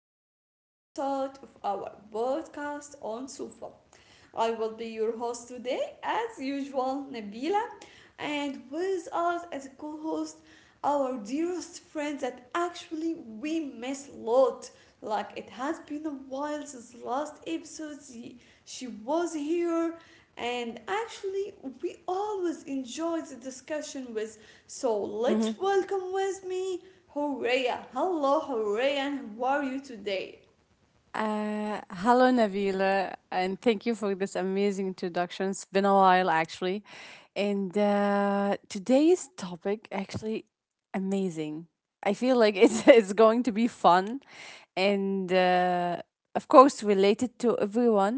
to a new episode of our podcast on Sufa. I will be your host today, as usual, Nabila, and with us as a co host, our dearest friend that actually we miss a lot. Like, it has been a while since last episode she was here, and actually, we always enjoy the discussion with. So, let's welcome with me Horea. Hello, Horea, and how are you today? Hello, Nabila, and thank you for this amazing introduction. It's been a while, actually. And Today's topic actually amazing. I feel like it's going to be fun and, uh, of course, related to everyone.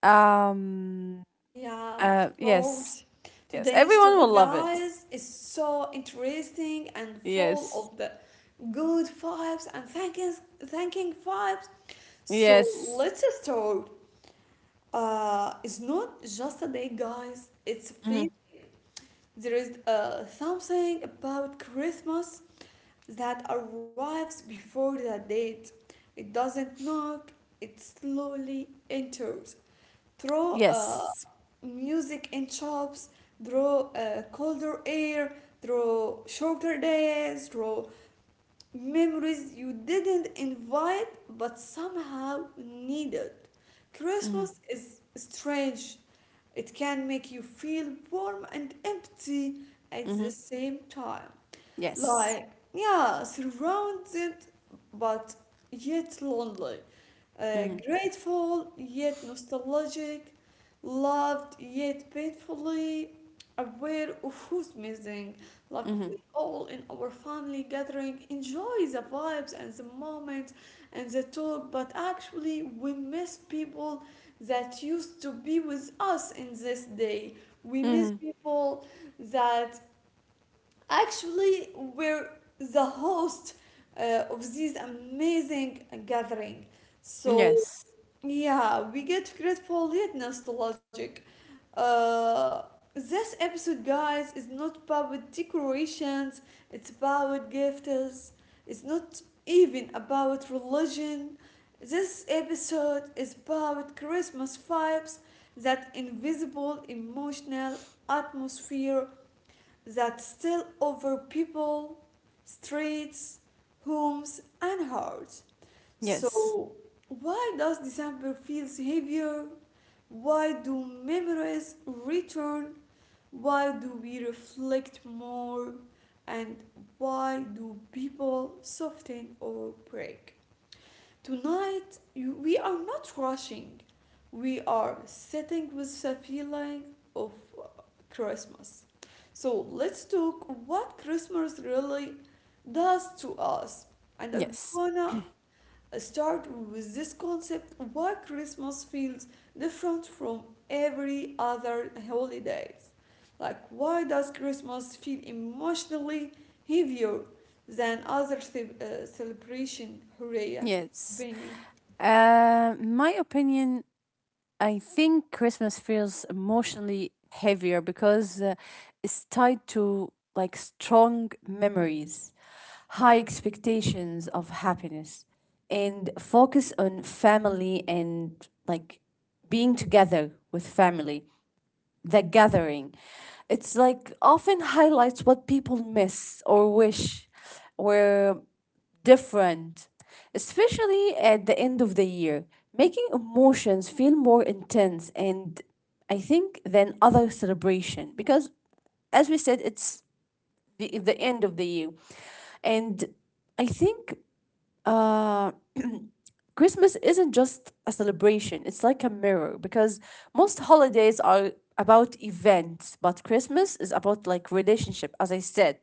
Um, Yeah, of yes, course. yes, Today's everyone will topic, love it. guys, is so interesting and full Yes, of the good vibes and thanking vibes. So yes, let's start. It's not just a day, guys. It's a feast. hmm There is something about Christmas that arrives before the date. It doesn't knock, it slowly enters through yes, music in shops, through colder air, through shorter days, through memories you didn't invite but somehow needed. Christmas hmm is strange. It can make you feel warm and empty at the hmm same time, yes, like, yeah, surrounded but yet lonely, hmm grateful yet nostalgic, loved yet painfully aware of who's missing. Like, we hmm all in our family gathering enjoy the vibes and the moment and the talk, but actually we miss people that used to be with us in this day. We miss hmm people that actually were the host of this amazing gathering. So, yes, yeah, we get grateful yet nostalgic. Uh, this episode, guys, is not about decorations, it's about gifts, it's not even about religion. This episode is about Christmas vibes, that invisible emotional atmosphere that still over people, streets, homes, and hearts. yes. So, why does December feel heavier? Why do memories return? Why do we reflect more? And why do people soften or break? Tonight, you, we are not rushing. We are sitting with the feeling of uh, Christmas. So let's talk what Christmas really does to us. And I am Yes, going to start with this concept why Christmas feels different from every other holidays. Like, why does Christmas feel emotionally heavier than other celebration, Huraya? yes. Opinion. My opinion, I think Christmas feels emotionally heavier because it's tied to like strong memories, high expectations of happiness, and focus on family and like being together with family, the gathering. It's like often highlights what people miss or wish, where different, especially at the end of the year, making emotions feel more intense and I think than other celebration because as we said it's the end of the year and I think uh, Christmas isn't just a celebration, it's like a mirror because most holidays are about events but Christmas is about like relationship. As I said,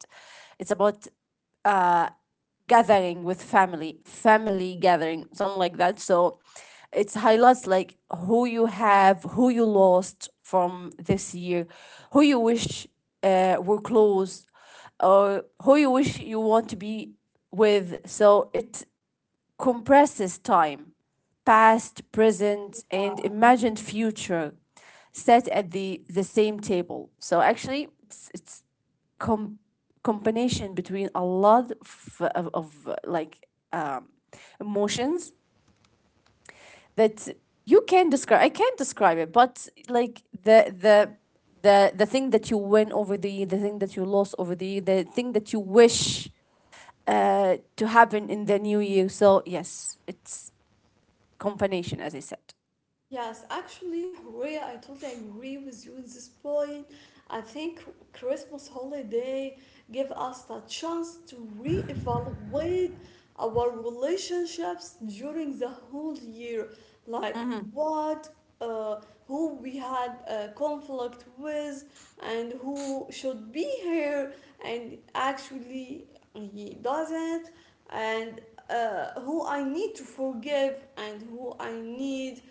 it's about uh, gathering with family, family gathering, something like that. So it highlights like who you have, who you lost from this year, who you wish were close, or who you wish you want to be with. So it compresses time, past, present, and imagined future, set at the same table. So actually, com- combination between a lot of like um, emotions that you can describe. I can't describe it, but like the thing that you win over the year, the thing that you lost over the year, the thing that you wish to happen in the new year. So yes, it's combination, as I said. Yes, actually, Horea, I totally agree with you on this point. I think Christmas holiday give us the chance to reevaluate our relationships during the whole year, like Mm-hmm. what, uh, who we had a conflict with, and who should be here, and actually he doesn't, and who I need to forgive and who I need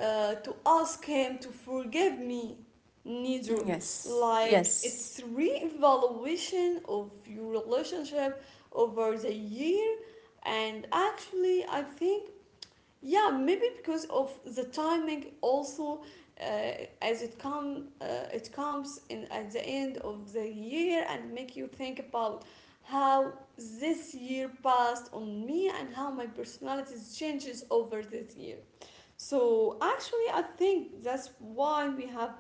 to ask him to forgive me neither. Yes. Like, Yes. it's re-evaluation of your relationship over the year. And actually, I think, yeah, maybe because of the timing also, uh, as it come it comes in at the end of the year and make you think about how this year passed on me and how my personality changes over this year. So actually, I think that's why we have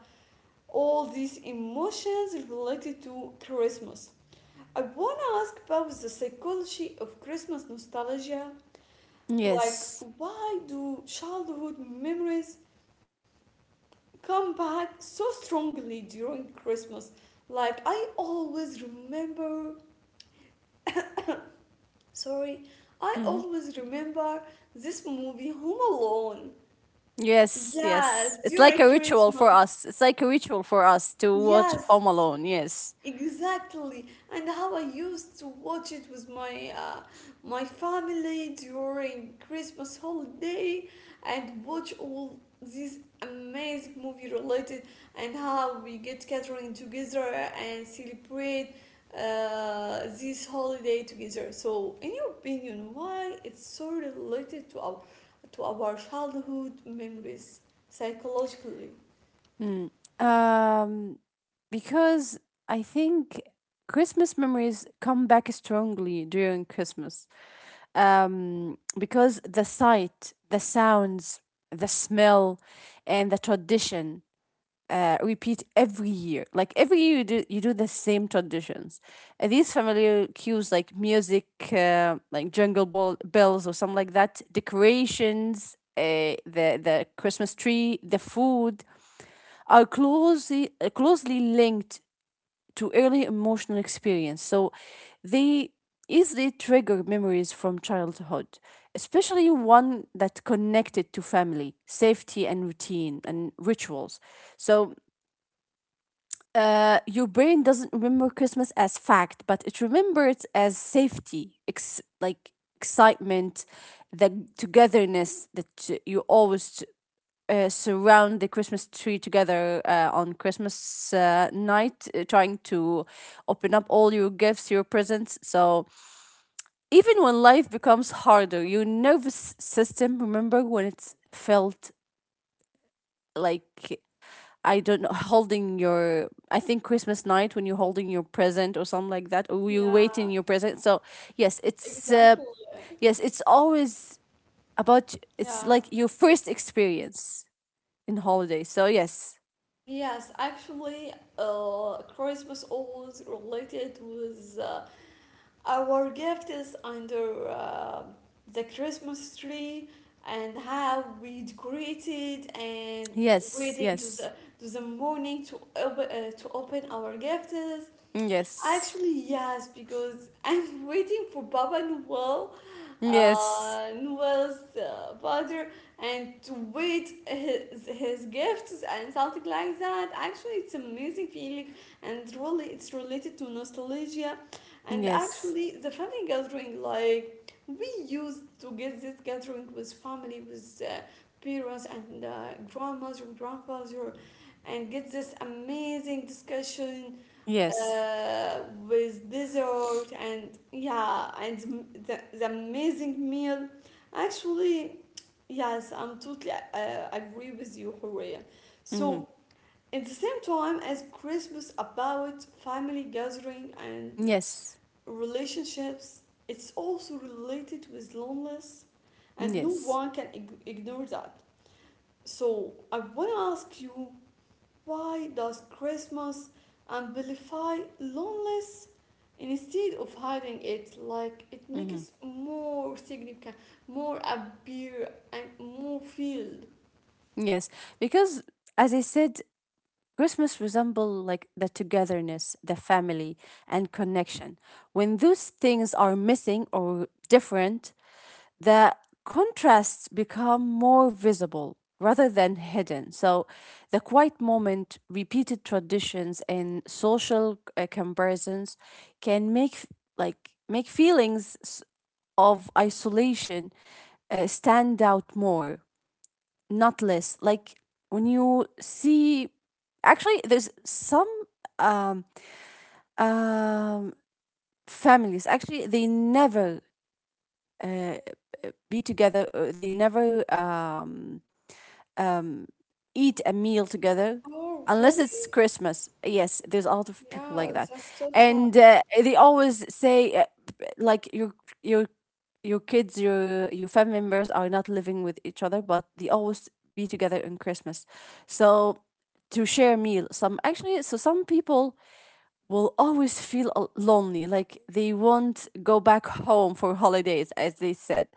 all these emotions related to Christmas. I want to ask about the psychology of Christmas nostalgia. Like, Yes. why do childhood memories come back so strongly during Christmas? Like, I always remember, sorry, I hmm always remember this movie, Home Alone. Yes, yes. Yes, It's like during a ritual for Christmas. us. It's like a ritual for us to watch Yes, Home Alone. Yes. exactly, and how I used to watch it with my my family during Christmas holiday, and watch all these amazing movie related, and how we get gathering together and celebrate this holiday together. So, in your opinion, why it's so related to our childhood memories psychologically? Mm. Um, because I think Christmas memories come back strongly during Christmas. Because the sight, the sounds, the smell, and the tradition repeat every year. Like every year, you do the same traditions. And these familiar cues like music, like jungle ball, bells or something like that, decorations, the Christmas tree, the food, are closely linked to early emotional experience. So they easily trigger memories from childhood, especially one that connected to family, safety and routine and rituals. So your brain doesn't remember Christmas as fact, but it remembers as safety, like excitement, the togetherness that you always surround the Christmas tree together on Christmas night, trying to open up all your gifts, your presents. So even when life becomes harder, your nervous system remember when it felt like I don't know, holding your, I think Christmas night when you're holding your present or something like that, or you're Yeah, waiting your present. Yes, it's, uh, exactly. yes, it's always about, it's Yeah. like your first experience in holiday. So, yes, Yes, actually, Christmas always related with our gifts under the Christmas tree and how we decorate it and yes, waiting yes, to the morning to to open our gifts. yes, Actually, yes, because I'm waiting for Baba Noel, yes, Noel's father, and to wait his gifts and something like that. Actually, it's amazing feeling, and really it's related to nostalgia. And yes, actually, the family gathering, like, we used to get this gathering with family, with parents and grandmother, grandfather, and get this amazing discussion yes, uh, with dessert and yeah, the amazing meal. Actually, yes, I'm totally agree with you, Horia. mm-hmm. So at the same time as Christmas about family gathering and yes, relationships, it's also related with loneliness, and no yes, one can ignore that. So I want to ask you, why does Christmas amplify loneliness instead of hiding it? Like, it mm-hmm. makes more significant, more appear, and more filled. yes. Because, as I said, Christmas resemble like the togetherness, the family, and connection. When those things are missing or different, the contrasts become more visible rather than hidden. So, the quiet moment, repeated traditions, and social comparisons can make like make feelings of isolation stand out more not less, like when you see actually there's some um um families actually they never be together they never eat a meal together Oh, unless it's really? christmas. Yes, there's a lot of people Yeah, like that. that's so sad. And they always say like your your kids your family members are not living with each other but they always be together in christmas, so to share a meal. Some actually so Some people will always feel lonely, like they won't go back home for holidays, as they said.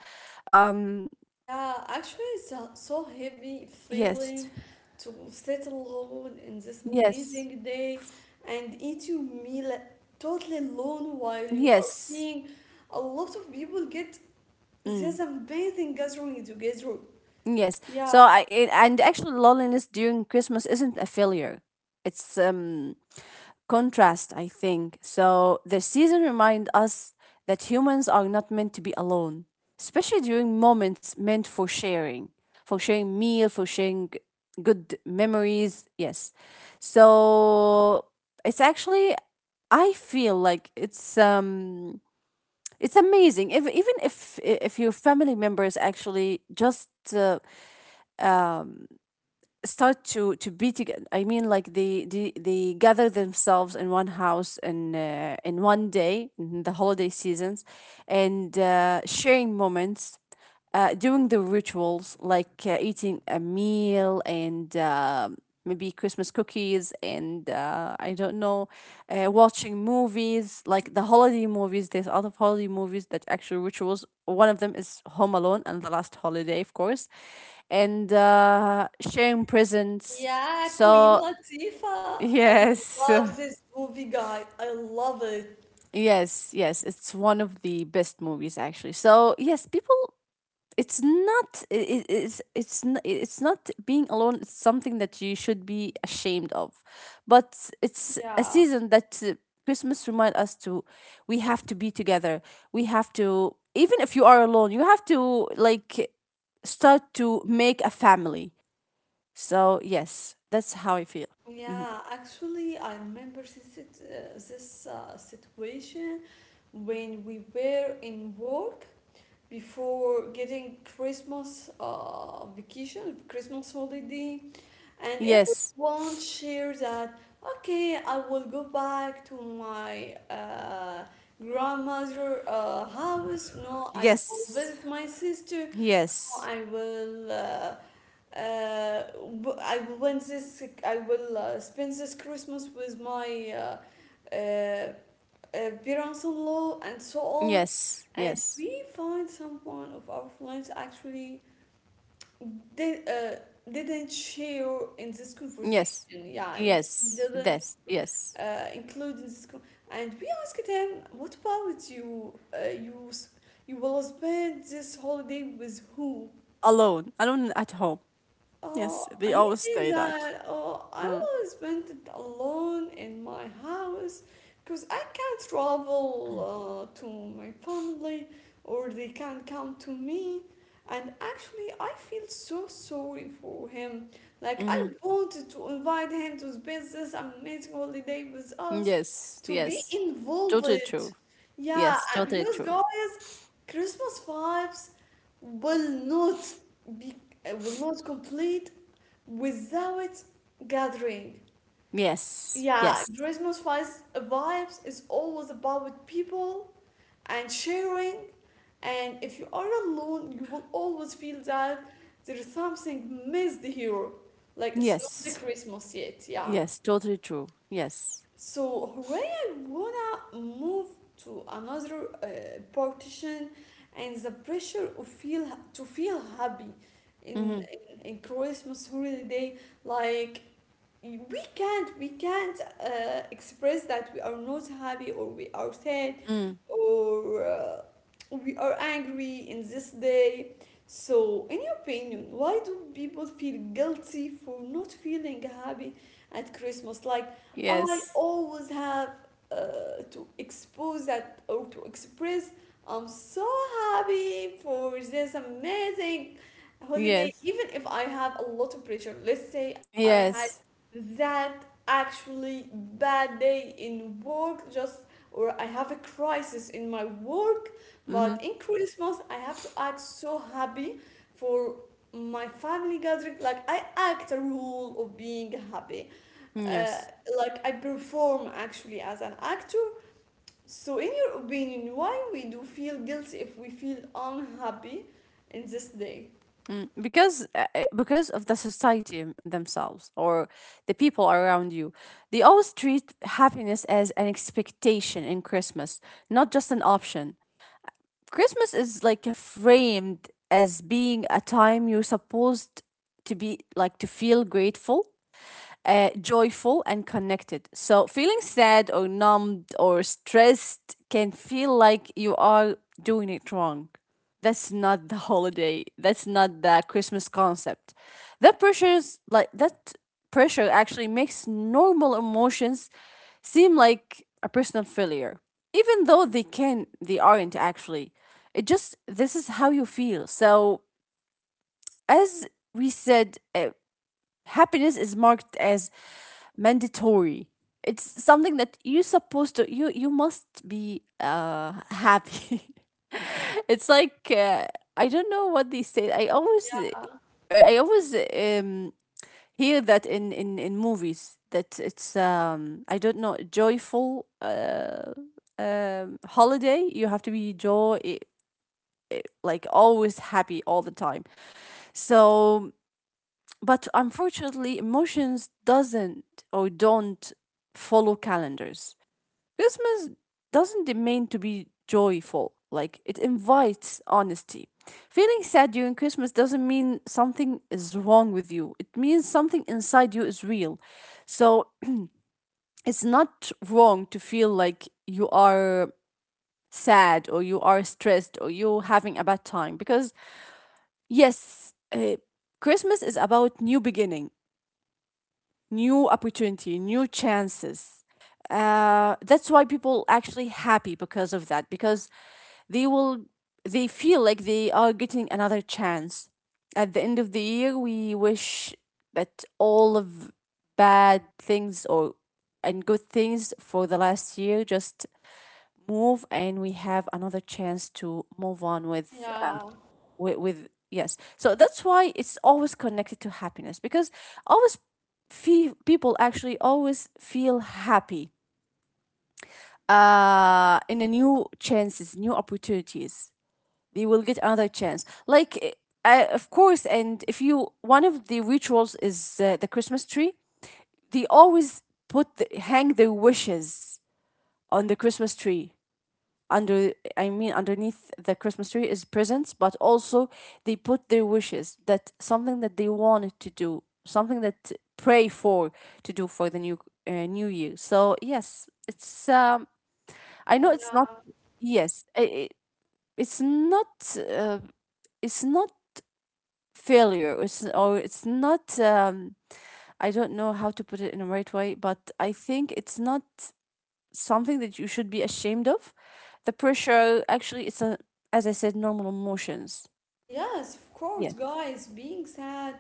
Um Yeah, actually, it's a so heavy yes feeling to sit alone in this yes amazing day and eat your meal totally alone while you are yes seeing a lot of people get mm. this amazing gathering together. Yes. So Yeah. I it, and actually loneliness during Christmas isn't a failure. It's contrast, I think. So the season remind us that humans are not meant to be alone, especially during moments meant for sharing meal, good memories. Yes. So it's actually I feel like it's it's amazing if even if your family members actually just start to be together. I mean, like they gather themselves in one house in one day in the holiday seasons, and sharing moments, doing the rituals, like eating a meal and maybe Christmas cookies and I don't know, watching movies like the holiday movies. There's a lot of holiday movies that actual rituals. One of them is Home Alone and The Last Holiday, of course, and sharing presents. Yeah, Queen So Latifah. I yes. love this movie, guy. I love it. Yes, yes, it's one of the best movies actually. So, yes, people it's not being alone, it's something that you should be ashamed of, but it's a Yeah. season that christmas remind us to we have to be together. We have to, even if you are alone, you have to like start to make a family. So yes, that's how I feel. Mhm. Yeah, actually, I remember this, this situation when we were in work before getting Christmas vacation, Christmas holiday. And yes everyone shares that, okay, I will go back to my grandmother house, no, I will yes visit my sister, no, yes I will uh, w- I will win this, I will spend this Christmas with my uh, parents-in-law and so on. yes And yes we find someone of our friends actually did, uh, didn't share in this conversation. yes Yeah, he yes didn't yes yes include in this. And we asked him, "What about you? You will spend this holiday with who?" alone, alone at home. Yes, Oh, they he always say said that. that, oh, I Mm. was spent it alone in my house because I can't travel to my family or they can't come to me. And actually, I feel so sorry for him. Like, Mm-hmm. I wanted to invite him to spend this amazing holiday with us, Yes, to be yes. involved. Totally true. Yeah, Yes, totally because true. guys, Christmas vibes will not be will not complete without gathering. Yes, Yeah, yes, Christmas vibes is always about people and sharing. And if you are alone, you will always feel that there is something missed here. Like, it's not the yes, Christmas yet. Yeah. yes, totally true. Yes. So Hooray, I wanna move to another partition, and the pressure of feel to feel happy Mm-hmm. in in Christmas holiday. Like, we can't express that we are not happy or we are sad Mm. or we are angry in this day. So in your opinion, why do people feel guilty for not feeling happy at Christmas? Like, I Yes, always have to expose that or to express I'm so happy for this amazing holiday, yes, even if I have a lot of pressure. Let's say I had yes. that actually bad day in work just, or I have a crisis in my work, Mm-hmm. but in Christmas I have to act so happy for my family gathering. Like, I act a role of being happy, uh, Yes. like I perform actually as an actor. So in your opinion, why we do feel guilty if we feel unhappy in this day? Mm. Because of the society themselves or the people around you, they always treat happiness as an expectation in Christmas, not just an option. Christmas is like a framed as being a time you're supposed to be like to feel grateful, joyful and connected. So feeling sad or numbed or stressed can feel like you are doing it wrong. That's not the holiday. That's not the Christmas concept. That pressures like that pressure actually makes normal emotions seem like a personal failure. Even though they can they aren't actually. It just this is how you feel. So as we said, happiness is marked as mandatory. It's something that you're supposed to you must be happy. It's like I don't know what they say. I always I always hear that in in movies that it's I don't know, joyful holiday you have to be joy, like always happy all the time. So but unfortunately, emotions doesn't or don't follow calendars. Christmas doesn't demand to be joyful. Like it invites honesty. Feeling sad during Christmas doesn't mean something is wrong with you. It means something inside you is real. So it's not wrong to feel like you are sad or you are stressed or you're having a bad time because yes, Christmas is about new beginning. New opportunity, new chances. That's why people actually happy because of that, because they will they feel like they are getting another chance. At the end of the year, we wish that all of bad things or and good things for the last year just move and we have another chance to move on with Yeah, with yes. So that's why it's always connected to happiness because always people actually always feel happy in a new chances, new opportunities, they will get another chance, like of course. And if you one of the rituals is the christmas tree, they always hang their wishes on the christmas tree under, I mean, underneath the Christmas tree is presents, but also they put their wishes that something that they wanted to do, something that pray for to do for the new new year. So yes, it's I know it's not yeah. yes it's not uh, it's not failure it's or it's not I don't know how to put it in the right way, but I think it's not something that you should be ashamed of. The pressure actually it's a as I said, normal emotions. Yes, of course, Yes. guys. Being sad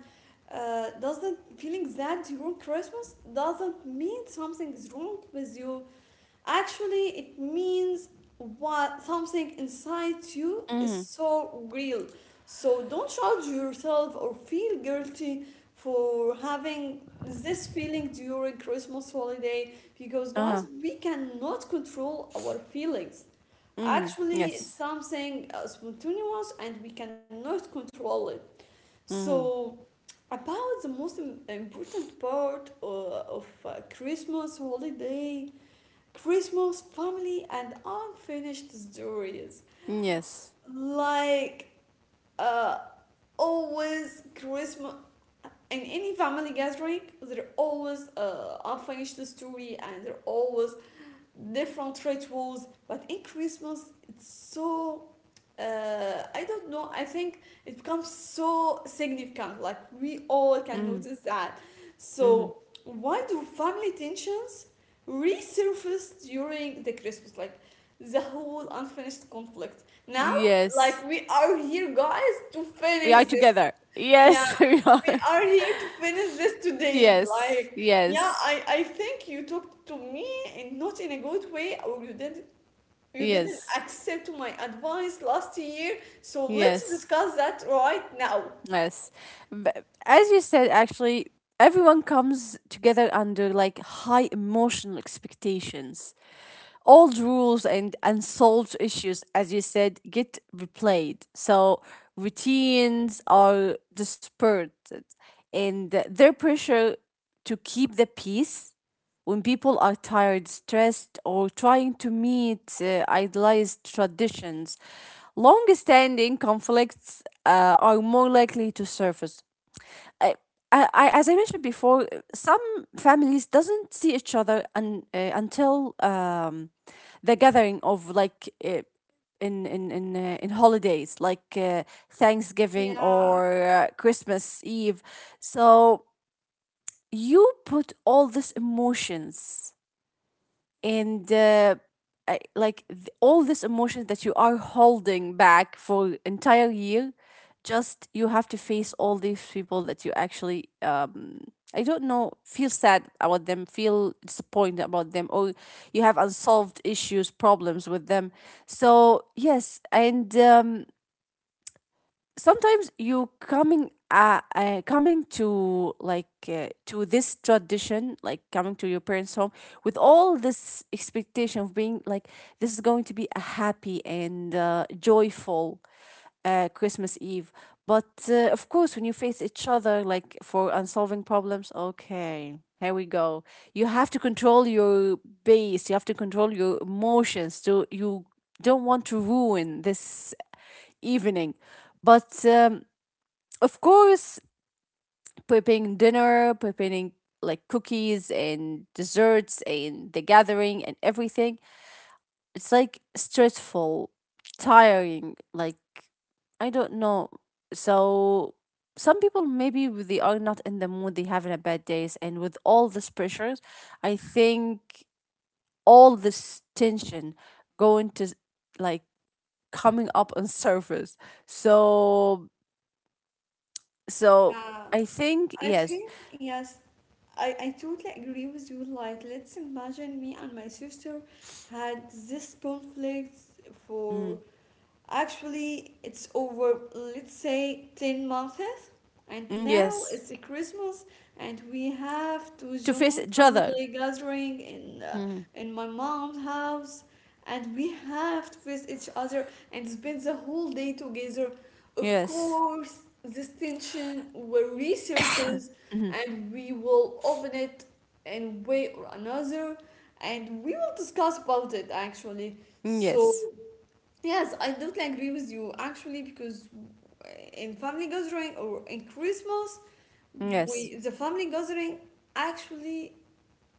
doesn't Feeling sad during Christmas doesn't mean something is wrong with you. Actually, it means what something inside you is Mm. so real. So don't judge yourself or feel guilty for having this feeling during Christmas holiday, because Uh-huh. guys, we cannot control our feelings. Mm. Actually, it's Yes. something spontaneous and we cannot control it. Mm. So, about the most important part of Christmas holiday, Christmas family, and unfinished stories. Yes. Like, uh, always Christmas. In any family gathering, there always unfinished story, and there always different rituals. But in Christmas, it's so I don't know. I think it becomes so significant. Like, we all can Mm. notice that. Mm. So why do family tensions resurface during the Christmas? Like, the whole unfinished conflict. Now, Yes. like, we are here, guys, to We finish are this. together. Yeah, Yes. we are. we are here to finish this today. Yes. Like, yeah, Yes. I think you talked to me and not in a good way, or you didn't Yes. accept my advice last year. So let's Yes. discuss that right now. Yes. But as you said, actually, everyone comes together under like high emotional expectations. Old rules and unsolved issues, as you said, get replayed. So routines are dispersed and their pressure to keep the peace when people are tired, stressed, or trying to meet idealized traditions, long standing conflicts are more likely to surface. I, as I mentioned before, some families doesn't see each other until the gathering of like in holidays like Thanksgiving Yeah, or Christmas Eve. So you put all these emotions and I- like th- all these emotions that you are holding back for entire year, just you have to face all these people that you actually, I don't know, feel sad about them, feel disappointed about them, or you have unsolved issues, problems with them. So yes. and Sometimes you coming to, to this tradition, like coming to your parents home with all this expectation of being like this is going to be a happy and joyful Christmas Eve. But of course, when you face each other like for unsolving problems, okay, here we go, you have to control your base, you have to control your emotions, so you don't want to ruin this evening. But of course, preparing dinner, preparing like cookies and desserts and the gathering and everything, it's like stressful, tiring, like I don't know. So some people maybe they are not in the mood, they having a bad days, and with all this pressures, I think all this tension going to, like, coming up on surface. So So yeah. I think I yes. think yes, I totally agree with you. Like, let's imagine me and my sister had this conflict for Mm. actually, it's over, let's say, 10 months, and Mm, now yes. it's a Christmas, and we have to To face join each other. family gathering Mm, in my mom's house, and we have to face each other and spend the whole day together. Of yes. course, this tension will resurface, Mhm. and we will open it in a way or another, and we will discuss about it actually. Mm, So yes. yes, I totally agree with you actually, because in family gathering or in Christmas, Yes, we the family gathering actually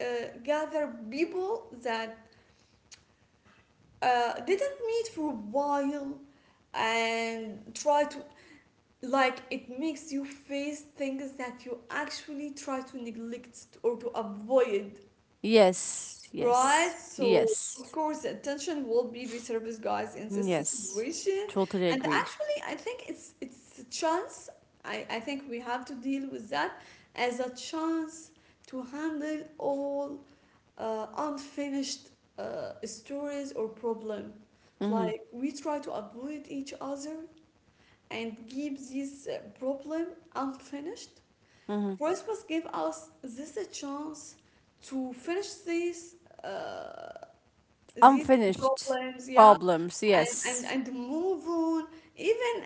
uh, gather people that didn't meet for a while and try to, like, it makes you face things that you actually try to neglect or to avoid. yes, Right, yes. so of Yes, course, attention will be reserved, guys, in this yes. situation. Totally And agree. actually, I think it's a chance. I think we have to deal with that as a chance to handle all unfinished stories or problem. Hmm. Like, we try to avoid each other and keep this problem unfinished. Hmm. Christmas gave us this a chance to finish this. Uh, these Unfinished problems, yeah, problems. and, and, Yes. and move on. Even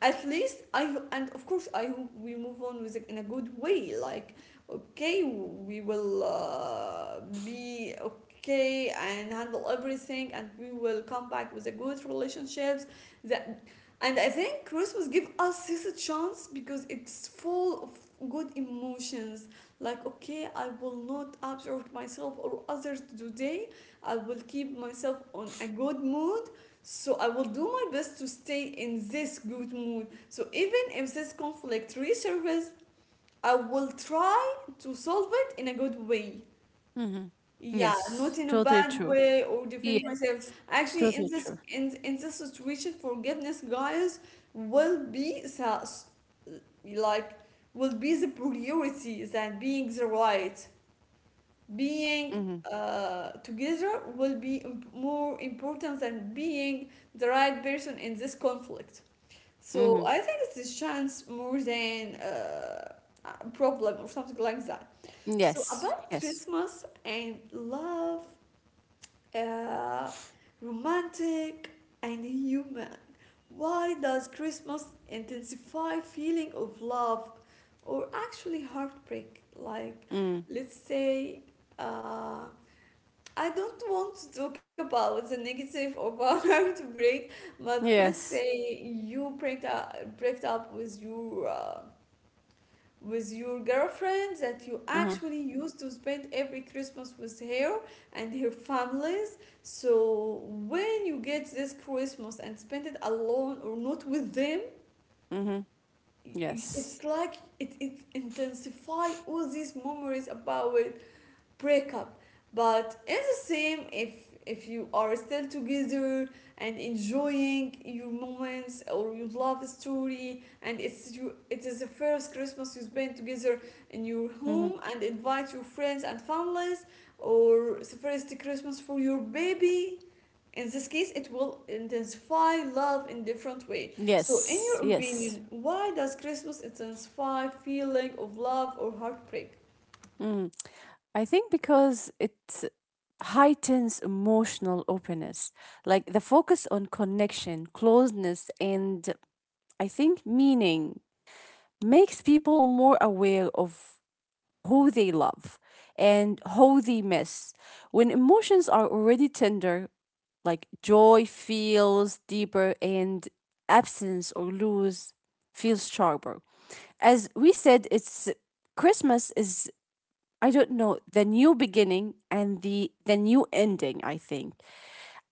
at least I and of course I hope we move on with it in a good way. Like okay, we will be okay and handle everything, and we will come back with a good relationships. That and I think Christmas give us this a chance because it's full of good emotions. Like okay, I will not absorb myself or others today. I will keep myself on a good mood so I will do my best to stay in this good mood. So even if this conflict resurfaces, I will try to solve it in a good way. Hmm. Yeah, not Yes. in a Totally bad true. way or Yeah. defend myself. Actually, in Totally this true. in in this situation, forgiveness, guys, will be like will be the priority than being the right being Hmm. Together will be more important than being the right person in this conflict. So Hmm. I think it's a chance more than a problem or something like that. So Yes. about Yes. Christmas and love, uh, romantic and human. Why does Christmas intensify feeling of love or actually heartbreak? Like, Mm. let's say. Uh, I don't want to talk about the negative of a heartbreak, but let's Yes. say you break up with your girlfriend that you Hmm. actually used to spend every Christmas with her and her families. So when you get this Christmas and spend it alone or not with them, Hmm. Yes. it's like it intensify all these memories about breakup, but it's the same if you are still together and enjoying your moments or your love story, and it's you it is the first Christmas you spend together in your Hmm. home and invite your friends and families, or the first Christmas for your baby. In this case it will intensify love in different way. So in Yes. your Yes. opinion, why does Christmas intensify feeling of love or heartbreak? Mm. I think because it heightens emotional openness, like the focus on connection, closeness, and I think meaning makes people more aware of who they love and who they miss. When emotions are already tender, like joy feels deeper and absence or lose feels sharper. As we said, it's Christmas is, I don't know, the new beginning and the new ending, I think.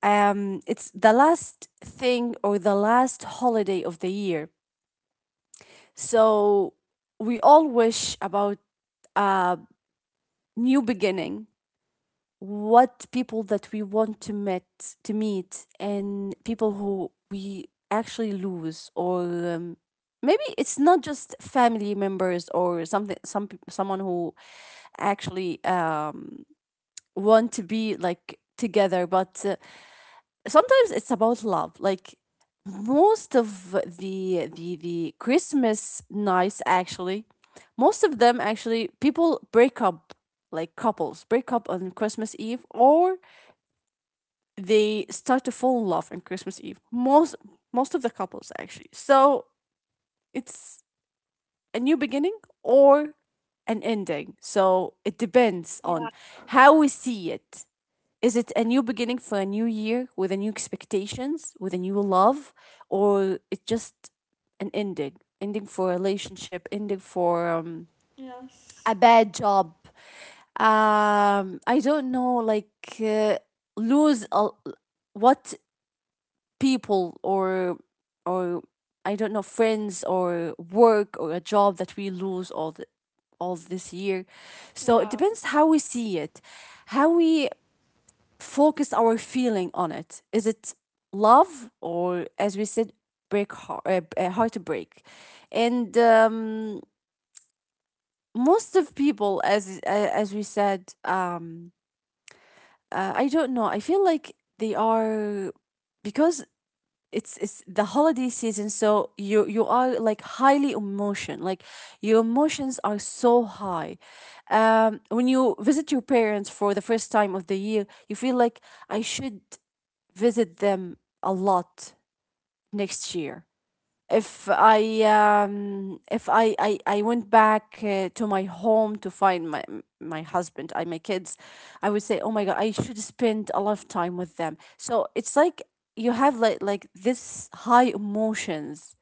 It's the last thing, or the last holiday of the year. So we all wish about a new beginning, what people that we want to meet to meet, and people who we actually lose, or maybe it's not just family members or something, some someone who actually want to be like together. But Sometimes it's about love. Like most of the Christmas nights actually, most of them actually people break up, like couples break up on Christmas Eve, or they start to fall in love on Christmas Eve. Most, most of the couples actually. So it's a new beginning or an ending, so it depends Yeah. on how we see it. Is it a new beginning for a new year, with a new expectations, with a new love, or it's just an ending? Ending for a relationship, ending for, Yes. a bad job. I don't know, like lose a, what, people, or, I don't know, friends or work or a job that we lose all the, all this year. So it Yeah, depends how we see it, how we focus our feeling on it. Is it love or, as we said, break heart, heartbreak? And Most of people, as we said, I don't know. I feel like they are because it's the holiday season, so you are like highly emotion. Like your emotions are so high. When you visit your parents for the first time of the year, you feel like I should visit them a lot next year. If I, I went back to my home to find my husband and my kids, I would say, oh my god, I should spend a lot of time with them. So it's like you have like this high emotions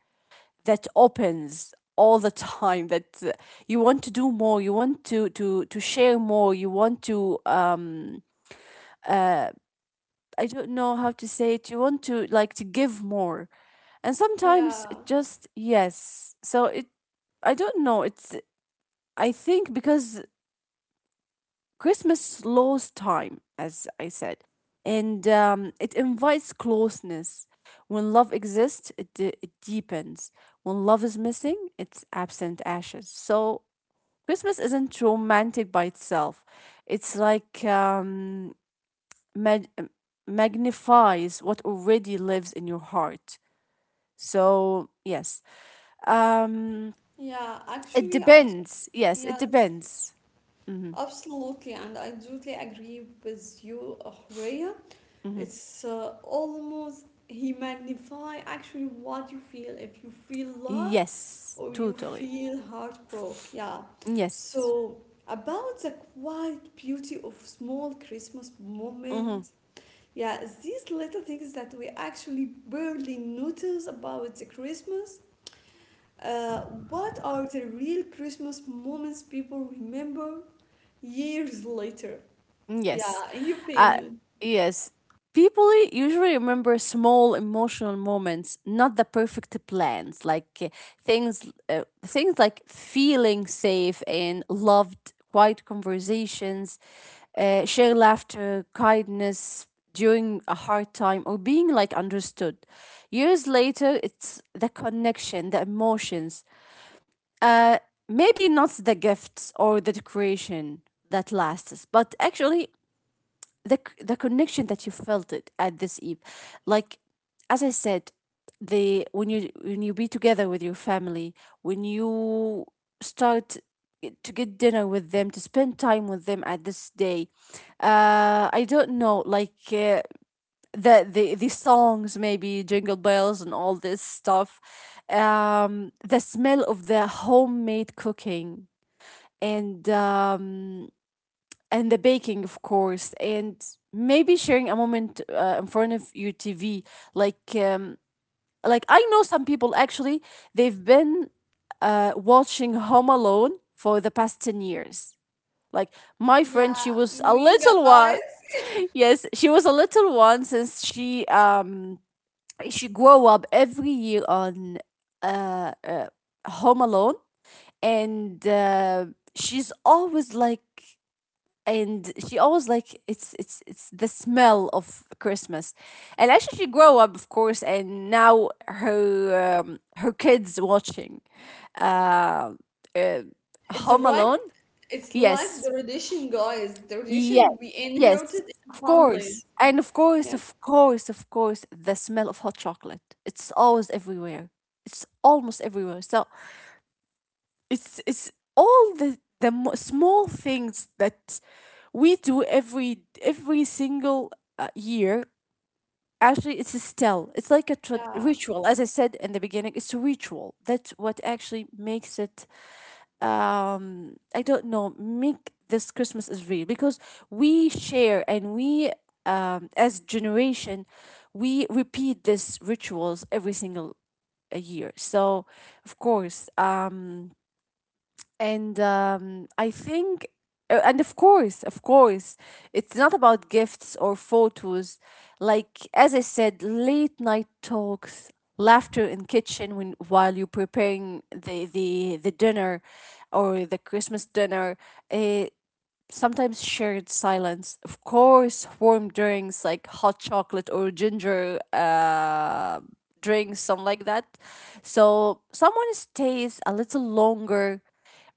that opens all the time, that you want to do more, you want to share more, you want to, I don't know how to say it. You want to like to give more. And sometimes yeah, it just yes. So it, I don't know. It's, I think because Christmas slows time, as I said. And it invites closeness. When love exists, it deepens. When love is missing, it's absent ashes. So Christmas isn't romantic by itself. It's like, mag- magnifies what already lives in your heart. So yes. Um, yeah. it depends. Yes, it Yes, depends. Mm-hmm. absolutely, and I totally agree with you, Horea. Mm-hmm. It's almost he magnify actually what you feel if you feel love Yes, or you totally. feel heartbroken. Yeah. Yes. So about the quiet beauty of small Christmas Mm-hmm. moments. Yeah, it's these little things that we actually barely notice about the Christmas. Uh, what are the real Christmas moments people remember years later? Mm, yes. Yeah, in your Uh, opinion. yes. People usually remember small emotional moments, not the perfect plans, like things like feeling safe and loved, quiet conversations, share laughter, kindness during a hard time, or being like understood. Years later, it's the connection, the emotions. Uh, Maybe not the gifts or the decoration that lasts, but actually the connection that you felt it at this eve. Like, as I said, the, when you, when you be together with your family, when you start to get dinner with them, to spend time with them at this day. I don't know, like the songs, maybe Jingle Bells and all this stuff. The smell of the homemade cooking, and um and the baking, of course. And maybe sharing a moment in front of your TV. Like, um, like I know some people actually they've been watching Home Alone for the past 10 years. Like my friend, she Yeah, was a me little one. guys. Yes, she was a little one since she grew up every year on uh, uh Home Alone. And She's always like, and she always like, it's it's the smell of Christmas. And actually she grew up, of course, and now her, her kids watching uh, uh It's Home right. Alone. It's like the Yes, tradition, guys. The yes, tradition we yes. inherited in of families. course. And Yeah, of course, the smell of hot chocolate, it's always everywhere. It's almost everywhere. So it's all the small things that we do every single year. Actually it's a still, it's like a yeah, ritual, as I said in the beginning. It's a ritual. That's what actually makes it, I don't know, make this Christmas is real, because we share and we, as generation, we repeat these rituals every single year. So of course. And I think, of course, it's not about gifts or photos. Like, as I said, late night talks, laughter in kitchen when while you're preparing the dinner, or the Christmas dinner. Uh, Sometimes shared silence, of course, warm drinks like hot chocolate or ginger drinks, something like that. So someone stays a little longer,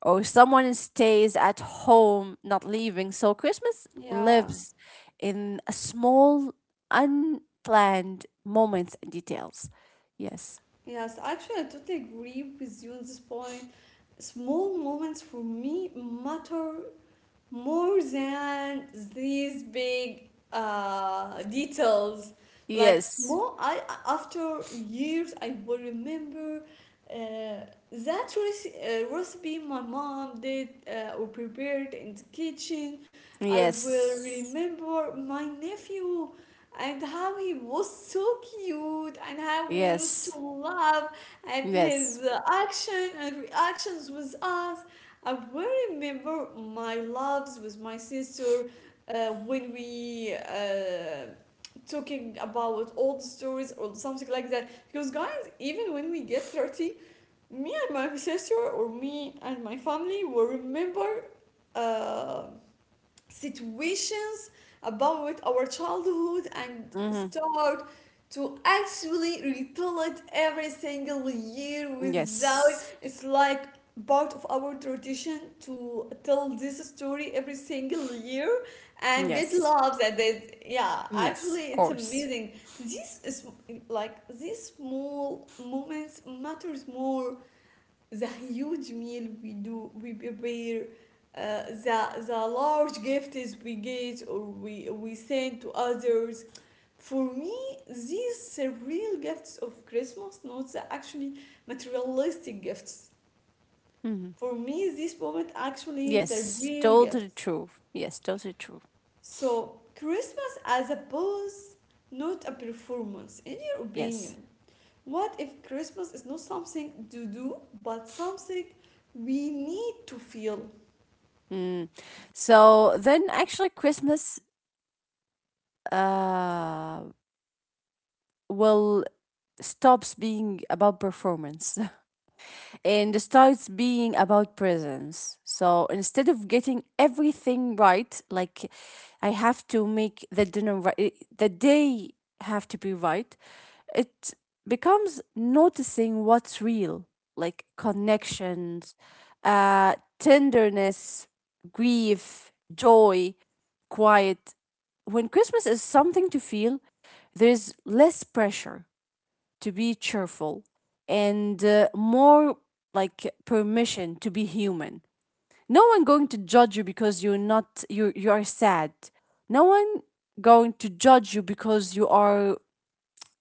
or someone stays at home, not leaving. So Christmas yeah. lives in a small unplanned moments and details. Yes. Yes, actually, I totally agree with you on this point. Small moments for me matter more than these big details. Like Yes, small, I after years, I will remember uh, that recipe my mom did or prepared in the kitchen. I will yes, remember my nephew and how he was so cute and how we used to yes, laugh at his yes. Action and reactions with us. I will remember my loves with my sister when we talking about old stories or something like that. Because guys, even when we get 30, me and my sister or me and my family will remember uh, situations about our childhood and Mm-hmm. start to actually retell it every single year without Yes. it's like part of our tradition to tell this story every single year and get Yes. love that they, yeah, actually Yes, of it's course. amazing. This is like these small moments matters more the huge meal we do we prepare, the large gifts we get or we send to others. For me these are real gifts of Christmas, not the actually materialistic gifts. Hmm. For me this moment actually the Yes, real totally gifts. true. Yes, totally true. So, Christmas as a pose, not a performance. In your opinion, Yes. what if Christmas is not something to do, but something we need to feel? Mm. So then actually Christmas uh will stops being about performance and starts being about presence. So instead of getting everything right, like I have to make the dinner right, the day have to be right, it becomes noticing what's real, like connections, tenderness, grief, joy, quiet. When Christmas is something to feel, there's less pressure to be cheerful and more like permission to be human. No one going to judge you because you, you are sad. No one going to judge you because you are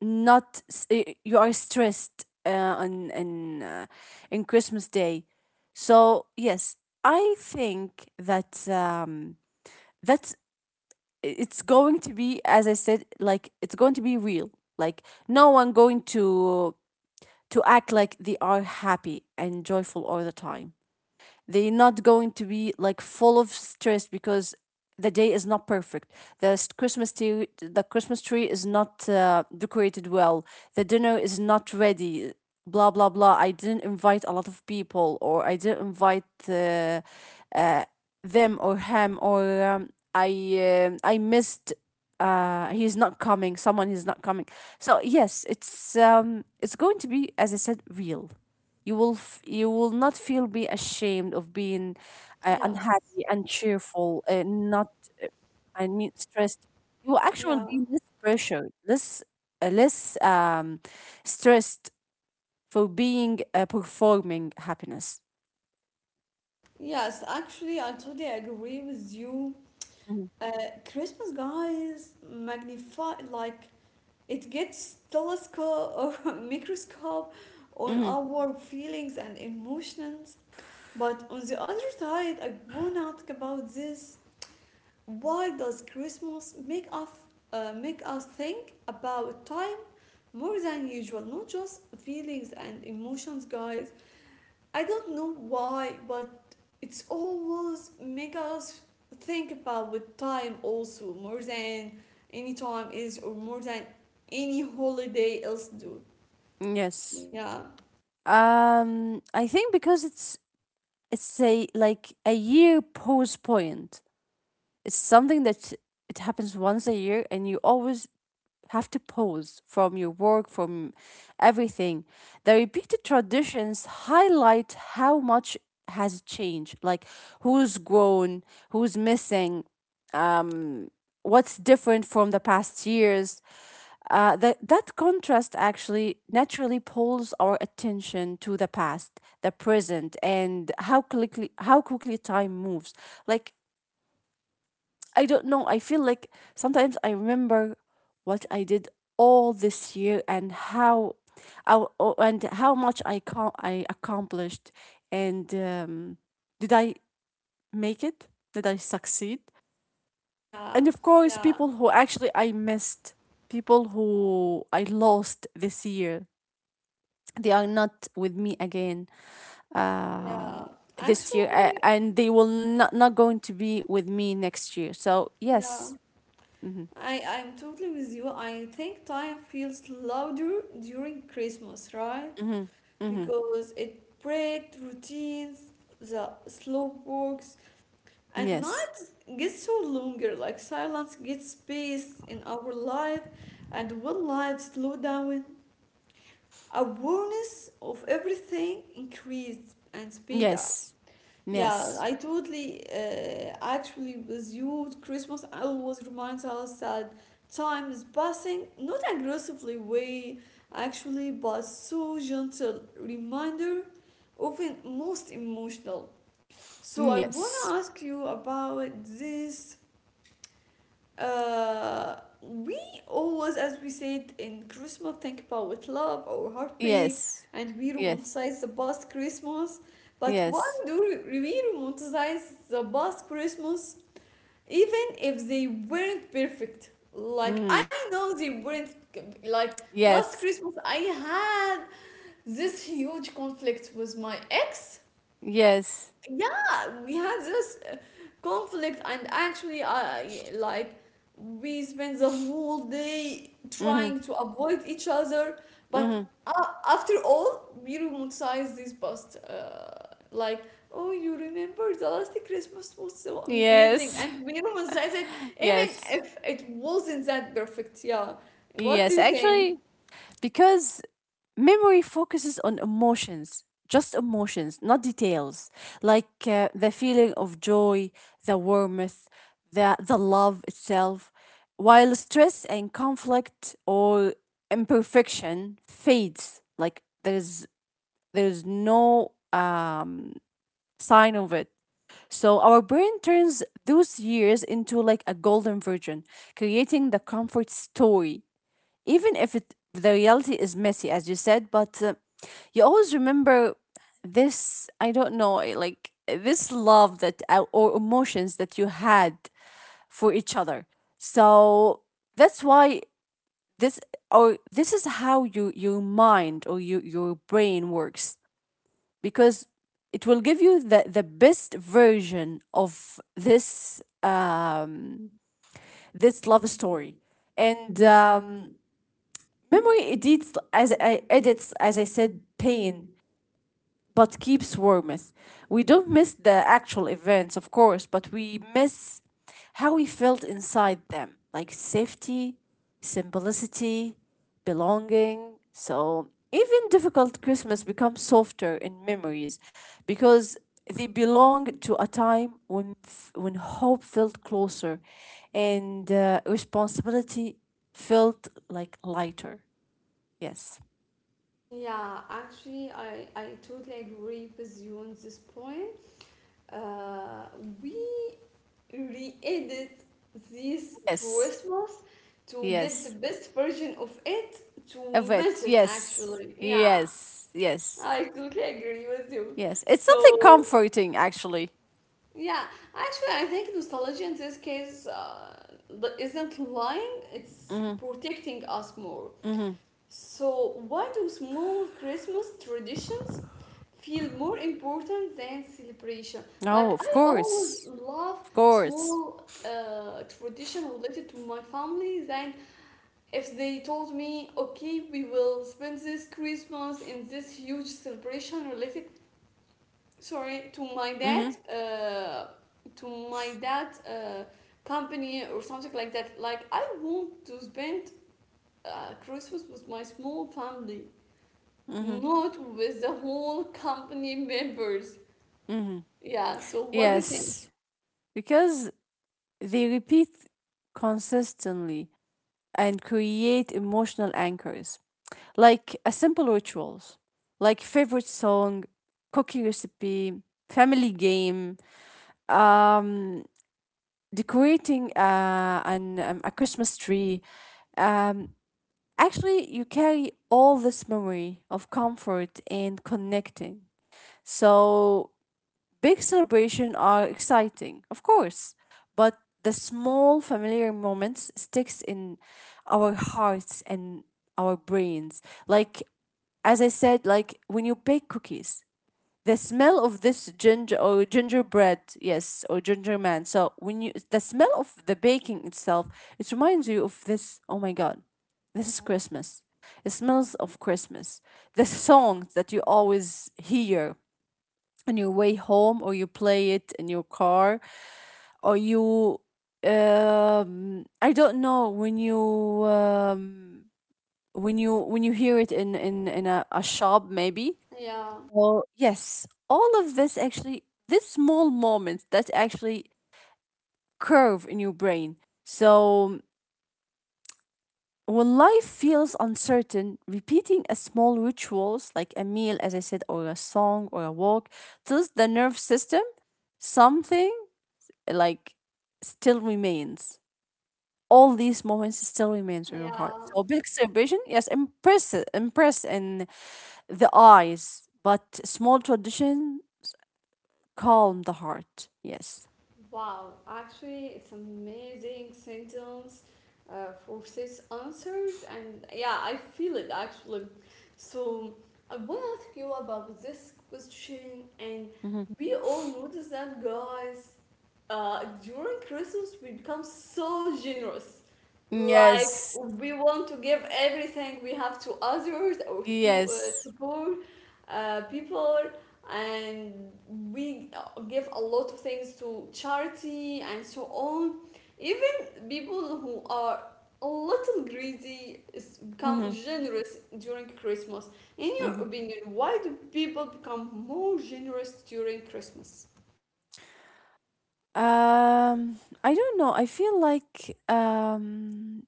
not s- y- you are stressed on in Christmas day. So yes, I think that that's, it's going to be, as I said, like it's going to be real. Like no one going to act like they are happy and joyful all the time. They're not going to be like full of stress because the day is not perfect, the Christmas tree is not decorated well, the dinner is not ready, blah blah blah, I didn't invite a lot of people, or I didn't invite uh, them or him, or I missed, he's not coming, someone is not coming. So yes, it's, it's going to be, as I said, real. You will you will not feel be ashamed of being Yes. unhappy and cheerful, not, I mean, stressed. You will actually Yeah. be less pressured, less uh, less um, stressed for being performing happiness. Yes, actually, I totally agree with you. Mhm. Uh, Christmas, guys, magnify, like, it gets telescope or microscope on Mm-hmm. our feelings and emotions. But on the other side, I wanna talk about this. Why does Christmas make us think about time more than usual? Not just feelings and emotions, guys. I don't know why, but it's always make us think about with time also more than any time is or more than any holiday else do. Yes. Yeah, I think because it's a like a year pause point. It's something that it happens once a year, and you always have to pause from your work, from everything. The repeated traditions highlight how much has changed, like who's grown, who's missing, what's different from the past years. That contrast actually naturally pulls our attention to the past, the present, and how quickly time moves. Like I don't know. I feel like sometimes I remember what I did all this year, and how, and how much I accomplished. And Did I make it? Did I succeed? yeah, And of course, yeah, people who actually I missed, people who I lost this year, they are not with me again. yeah. Um, this year a- Actually, and they will not going to be with me next year. So yeah. yes. Mhm. I'm totally with you. I think time feels louder during Christmas, right? Mhm. Mhm. Because it breaks routines, the slow walks, and Yes. nights get so longer. Like silence gets space in our life, and when life slow down, awareness of everything increased and speed up. Yes. Yeah, Yes. I totally actually with you. Christmas always reminds us that time is passing, not aggressively way actually, but so gentle reminder, often most emotional. So Mm, I wanna ask you about this uh, we always, as we said in Christmas, think about love or heartbreak, yes. and we Yes. Yes. romanticize the past Christmas. But why Yes. do we romanticize the past Christmas even if they weren't perfect? Like, Mm. I know they weren't, like, last Yes. Christmas I had this huge conflict with my ex. Yes. Yeah, we had this conflict, and actually I like we spent the whole day Mhm. trying to avoid each other, but Mhm. After all we romanticize this past like, oh you remember the last Christmas was so amazing, Yes. and we romanticize it even Yes. if it wasn't that perfect. Yeah, Yes. what do you Actually, think? because memory focuses on emotions, just emotions, not details, like the feeling of joy, the warmth, the love itself, while stress and conflict or imperfection fades, like there's no sign of it. So our brain turns those years into like a golden version, creating the comfort story even if it the reality is messy as you said, but you always remember this, I don't know, like this love that or emotions that you had for each other. So that's why this or this is how your mind or your brain works, because it will give you the best version of this this love story. And memory edits as I said pain, but keeps warmth. We don't miss the actual events, of course, but we miss how we felt inside them, like safety, simplicity, belonging. So even difficult Christmas becomes softer in memories because they belong to a time when when hope felt closer and responsibility felt like lighter. Yes. Yeah, actually, I totally agree with you on this point. Uh, we re-edit this Yes. Christmas to get the Yes. best version of it A to miss vet. it Yes. actually. Yeah, Yes. Yes. I totally agree with you. Yes. It's something So comforting, actually. yeah, actually I think nostalgia in this case is isn't lying, it's Mm-hmm. protecting us more. Mm-hmm. So, why do small Christmas traditions feel more important than celebration? Like, Oh, I of always course. love Of course. small tradition related to my family than if they told me, okay, we will spend this Christmas in this huge celebration related, sorry, Mm-hmm. To my dad company or something like that. Like, I want to spend Christmas with my small family Mm-hmm. not with the whole company members. Mm-hmm. Yeah, so what do you think? Yes. Because they repeat consistently and create emotional anchors, like a simple rituals, like favorite song, cookie recipe, family game, um, decorating an, a Christmas tree. Um, actually, you carry all this memory of comfort and connecting. So, big celebration are exciting, of course, but the small familiar moments sticks in our hearts and our brains. Like as I said, like when you bake cookies, the smell of this ginger or gingerbread, yes, or ginger man, so when you the smell of the baking itself, it reminds you of this, oh my god, this is Christmas, it smells of Christmas. The song that you always hear on your way home, or you play it in your car, or you I don't know, when you when you hear it in a shop maybe. Yeah, So yes, all of this, actually, this small moment that actually curve in your brain. So when life feels uncertain, repeating a small rituals like a meal, as I said, or a song or a walk, tells the nerve system something like still remains. All these moments still remains in your heart. yeah. So big celebration, yes, impress, impress in the eyes, but small tradition calm the heart. Yes. Wow, actually, it's amazing sentence for these answers, and yeah, I feel it actually. So I want to ask you about this question, and Mhm. we all notice that, guys. During Christmas we become so generous. Like Yes. we want to give everything we have to others or to people, to Yes. poor people, and we give a lot of things to charity and so on. Even people who are a little greedy is become hmm generous during Christmas. In your hmm opinion, why do people become more generous during Christmas? I don't know. I feel like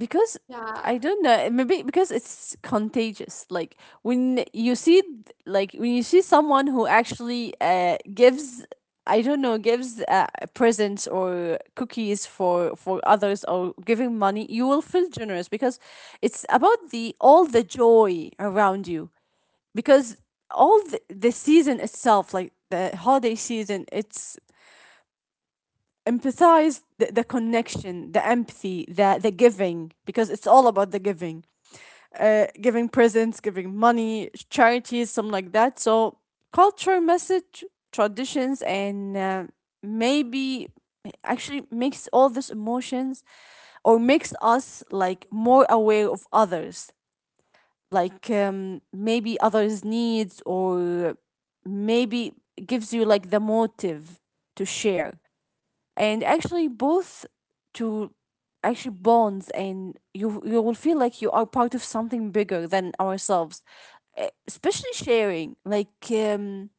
because Yeah, I don't know, maybe because it's contagious. Like when you see like when you see someone who actually gives, I don't know, gives presents or cookies for others, or giving money, you will feel generous because it's about the all the joy around you, because all the season itself, like the holiday season, it's empathize the connection, the empathy, the giving, because it's all about the giving, giving presents, giving money, charities, something like that. So culture, message, traditions, and maybe actually makes all these emotions or makes us like more aware of others, like maybe others' needs, or maybe gives you like the motive to share, and actually both to actually bonds, and you will feel like you are part of something bigger than ourselves. Especially sharing like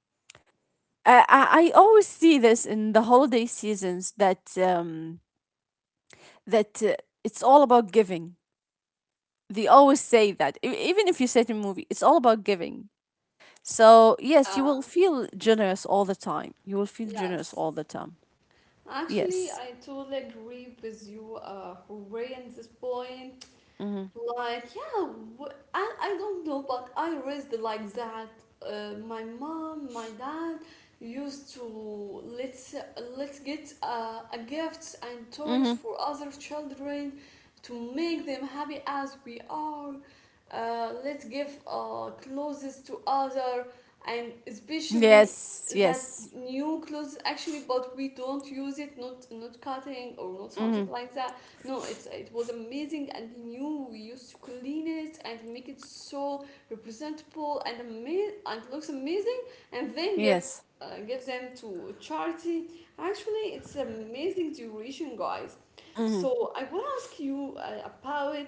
I always see this in the holiday seasons that that it's all about giving. They always say that, even if you say it a movie, it's all about giving. So, yes, you will yeah. feel generous all the time. You will feel generous Yes, all the time. Yes. actually, I totally agree with you, Hooray, in this point. Mm-hmm. Like, yeah, I don't know, but I raised like that. My mom, my dad used to let's get a gifts and toys Mm-hmm. for other children to make them happy as we are. Let's give clothes to other and especially Yes. that Yes. new clothes actually, but we don't use it, not not cutting or not something Mm-hmm. like that. No, it's it was amazing and new. We used to clean it and make it so representable and and looks amazing, and then give Yes. Give them to charity. Actually, it's amazing duration, guys. Mm-hmm. So I want to ask you about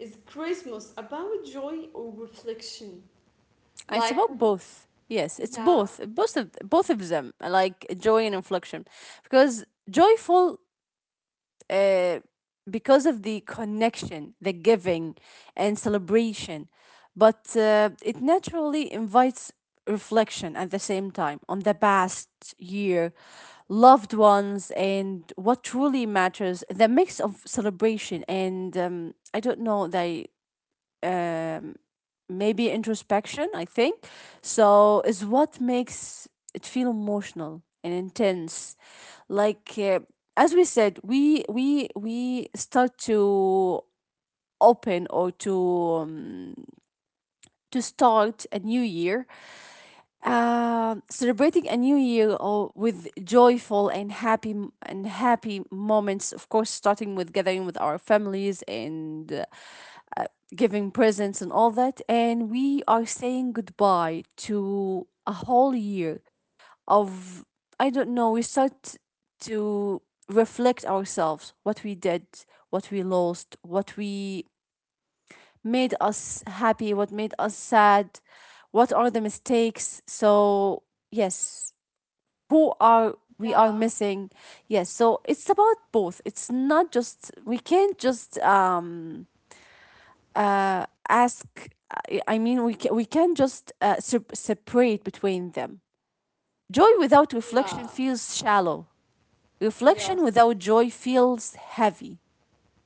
is Christmas about joy or reflection? It's Like, about both. Yes, it's yeah, both. Both of them, like joy and inflection, because joyful uh, because of the connection, the giving, and celebration. But it naturally invites reflection at the same time on the past year, loved ones, and what truly matters. The mix of celebration and I don't know, the maybe introspection, I think. So is what makes it feel emotional and intense. Like as we said, we start to open or um, to start a new year, celebrating a new year or with joyful and happy moments. Of course, starting with gathering with our families and. Giving presents and all that. And we are saying goodbye to a whole year of, I don't know, we start to reflect ourselves what we did, what we lost, what we made us happy, what made us sad, what are the mistakes. So, yes, who are we are yeah, missing. Yes, so it's about both. It's not just we can't just ask. I mean, we can just separate between them. Joy without reflection yeah, feels shallow. yes. Reflection without joy feels heavy.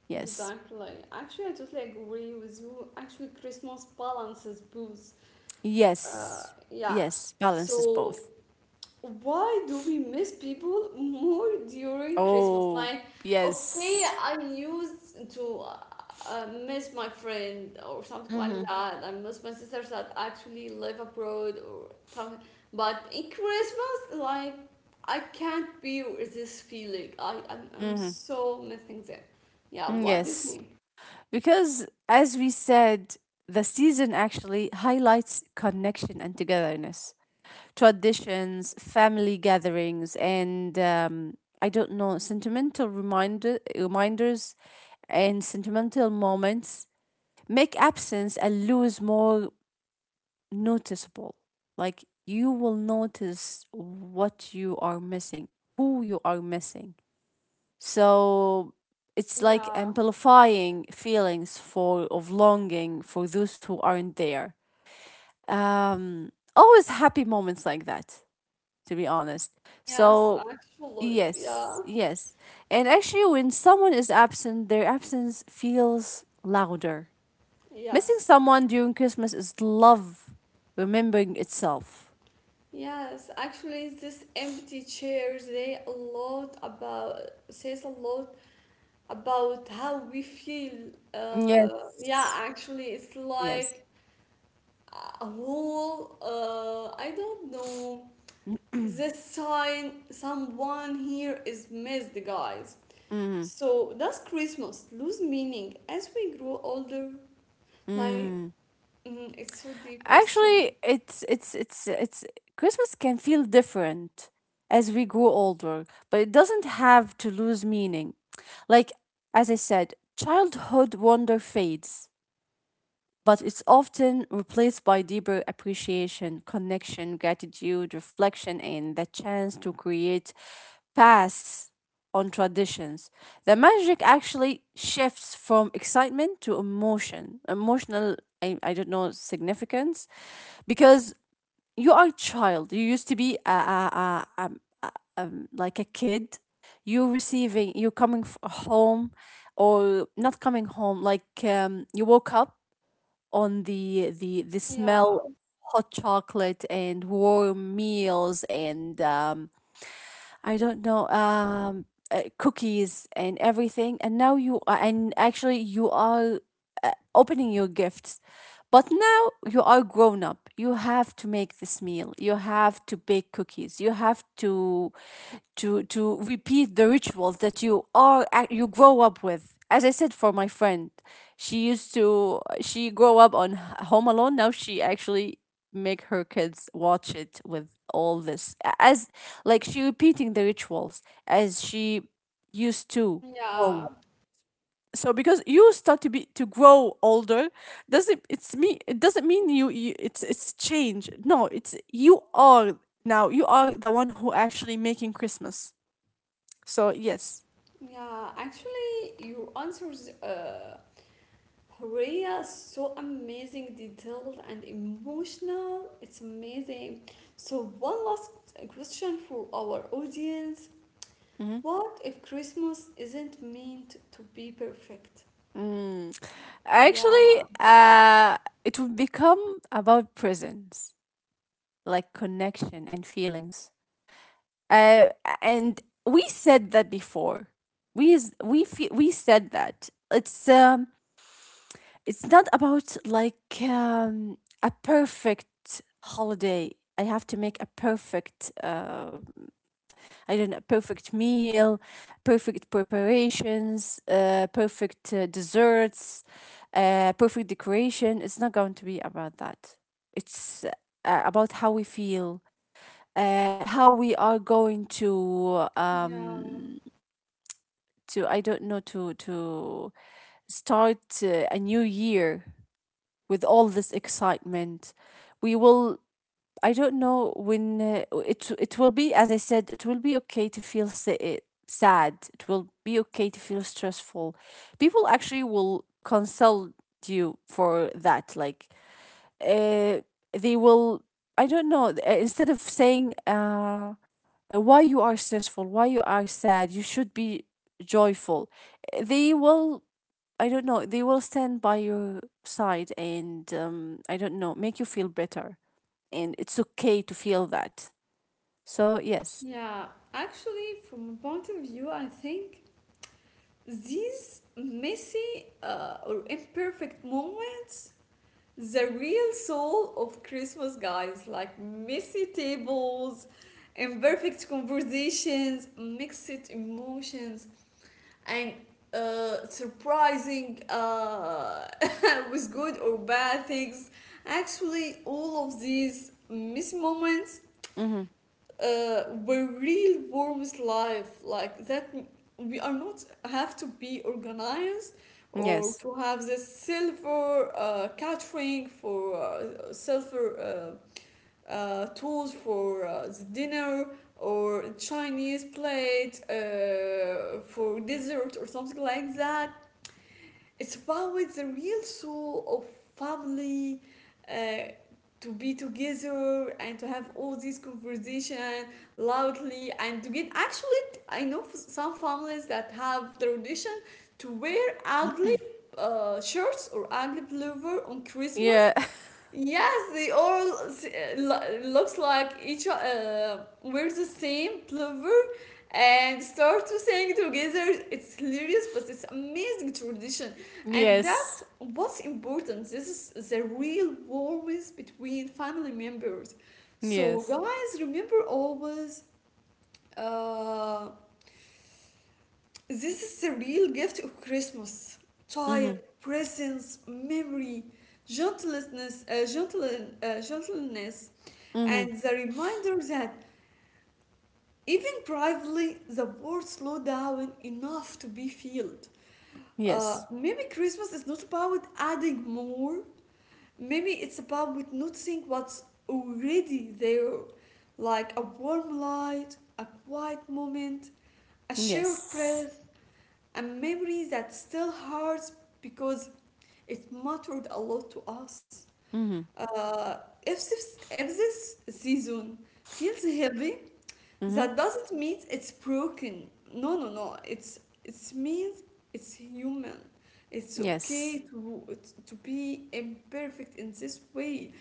Yes, Exactly. Actually, I totally agree with you. Actually, Christmas balances both. Yes, Yeah. yes. Balances So, both. why do we miss people more during Christmas? Oh, Like, okay, yes. I used to miss my friend or something like Mm-hmm. that. I miss my sisters that actually live abroad or something. But in Christmas, like, I can't bear this feeling. I'm Mm-hmm. so missing them. Yeah, Mm, what do you yes, think? because as we said, the season actually highlights connection and togetherness. Traditions, family gatherings, and I don't know, sentimental reminders and sentimental moments make absence and lose more noticeable. Like you will notice what you are missing, who you are missing. So it's like Yeah, amplifying feelings for of longing for those who aren't there. Um, always happy moments like that, to be honest. yes, So, actually, yeah, yes, yes. And actually, when someone is absent, their absence feels louder. Missing yes, someone during Christmas is love remembering itself. yes. Actually, this empty chairs—they a lot about says a lot about how we feel. Yeah, Yes. actually, it's Yes. like a whole. I don't know. This sign someone here is missed, guys. Mm-hmm. So does Christmas lose meaning as we grow older? Like, Mm. mm, it's so deep Actually, question. it's Christmas can feel different as we grow older, but it doesn't have to lose meaning. Like as I said, childhood wonder fades, but it's often replaced by deeper appreciation, connection, gratitude, reflection, and the chance to create pass on traditions. The magic actually shifts from excitement to emotion, emotional, I don't know, significance, because you are a child. You used to be a, like a kid. You're receiving, you're coming home, or not coming home, like you woke up on the Yeah, smell of hot chocolate and warm meals, and I don't know, cookies and everything. And now you are, and actually you are opening your gifts, but now you are grown up. You have to make this meal. You have to bake cookies. You have to to repeat the rituals that you are you grow up with. As I said, for my friend, she used to she grew up on Home Alone. Now she actually make her kids watch it with all this as, like, she repeating the rituals as she used to grow up. yeah, So because you start to be to grow older doesn't it doesn't mean you, it's change. No, it's you are, now you are the one who actually making Christmas. So yes, yeah. Actually, you answers Horea so amazing, detailed and emotional. It's amazing. So one last question for our audience. mhm. What if Christmas isn't meant to be perfect? mm Yeah, actually, it would become about presence, like connection and feelings. Uh, and we said that before. We is- we fe- we said that it's not about like a perfect holiday. I have to make a perfect I don't know, perfect meal, perfect preparations, perfect desserts, perfect decoration. It's not going to be about that. It's about how we feel, how we are going yeah, to I don't know to start a new year with all this excitement. We will, I don't know, when it will be, as I said, it will be okay to feel sad, it will be okay to feel stressful. People actually will consult you for that, like uh, they will, I don't know, instead of saying, why you are stressful, why you are sad, you should be joyful. They will, I don't know, they will stand by your side and I don't know, make you feel better, and it's okay to feel that. So yes, yeah. Actually, from a point of view, I think these messy or imperfect moments the real soul of Christmas, guys. Like messy tables, imperfect conversations, mixed emotions, and surprising with good or bad things. Actually, all of these missed moments mm-hmm. Where real worms life. Like that, we are not have to be organized or Yes, to have this silver catering for silver tools for the dinner or Chinese plate for dessert or something like that. It's about the real soul of family, uh, to be together and to have all these conversation loudly, and to get actually I know some families that have the tradition to wear ugly shirts or ugly pullover on Christmas. yeah, Yes, they all looks like each wear the same plover and start to sing together. It's hilarious, but it's amazing tradition, and that yes, what's important. This is the real warmth between family members. So yes, guys, remember always. Uh, this is the real gift of Christmas. mm-hmm. Time, presence, memory, gentleness, gentleness, Mm-hmm. and the reminder that even privately the world slow down enough to be filled. Yes, Maybe Christmas is not about adding more. Maybe it's about with noticing what's already there, like a warm light, a quiet moment, a shared yes, breath, a memory that still hurts because it mattered a lot to us. mm-hmm. Uh, if this season feels heavy, Mm-hmm. that doesn't mean it's broken. No, no, no. It's it means it's human. It's okay Yes, to to be imperfect in this way.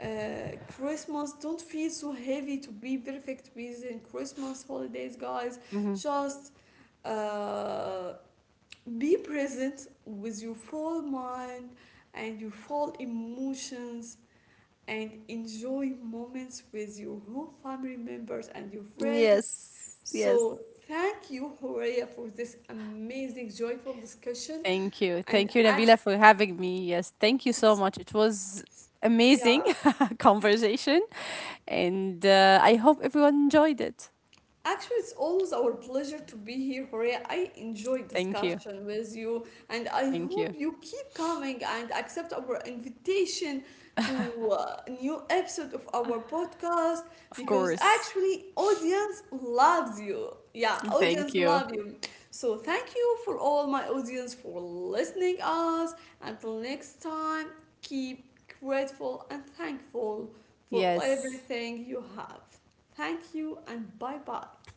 Christmas don't feel so heavy to be perfect within Christmas holidays, guys. mm-hmm. Just uh, be present with your full mind and your full emotions and enjoy moments with your whole family members and your friends. Yes, yes. So, thank you, Horea, for this amazing, joyful discussion. And Thank you, Navila, actually, for having me. Yes, thank you so it's, much. It was it's amazing yeah, conversation, and I hope everyone enjoyed it. actually, it's always our pleasure to be here, Horea. I enjoy Thank you, discussion with you, and I thank you. hope you keep coming and accept our invitation to a new episode of our podcast Of because course, actually, audience loves you. Yeah, thank audience you. love you. So thank you for all my audience for listening us. Until next time, keep grateful and thankful for Yes. everything you have. Thank you and bye bye.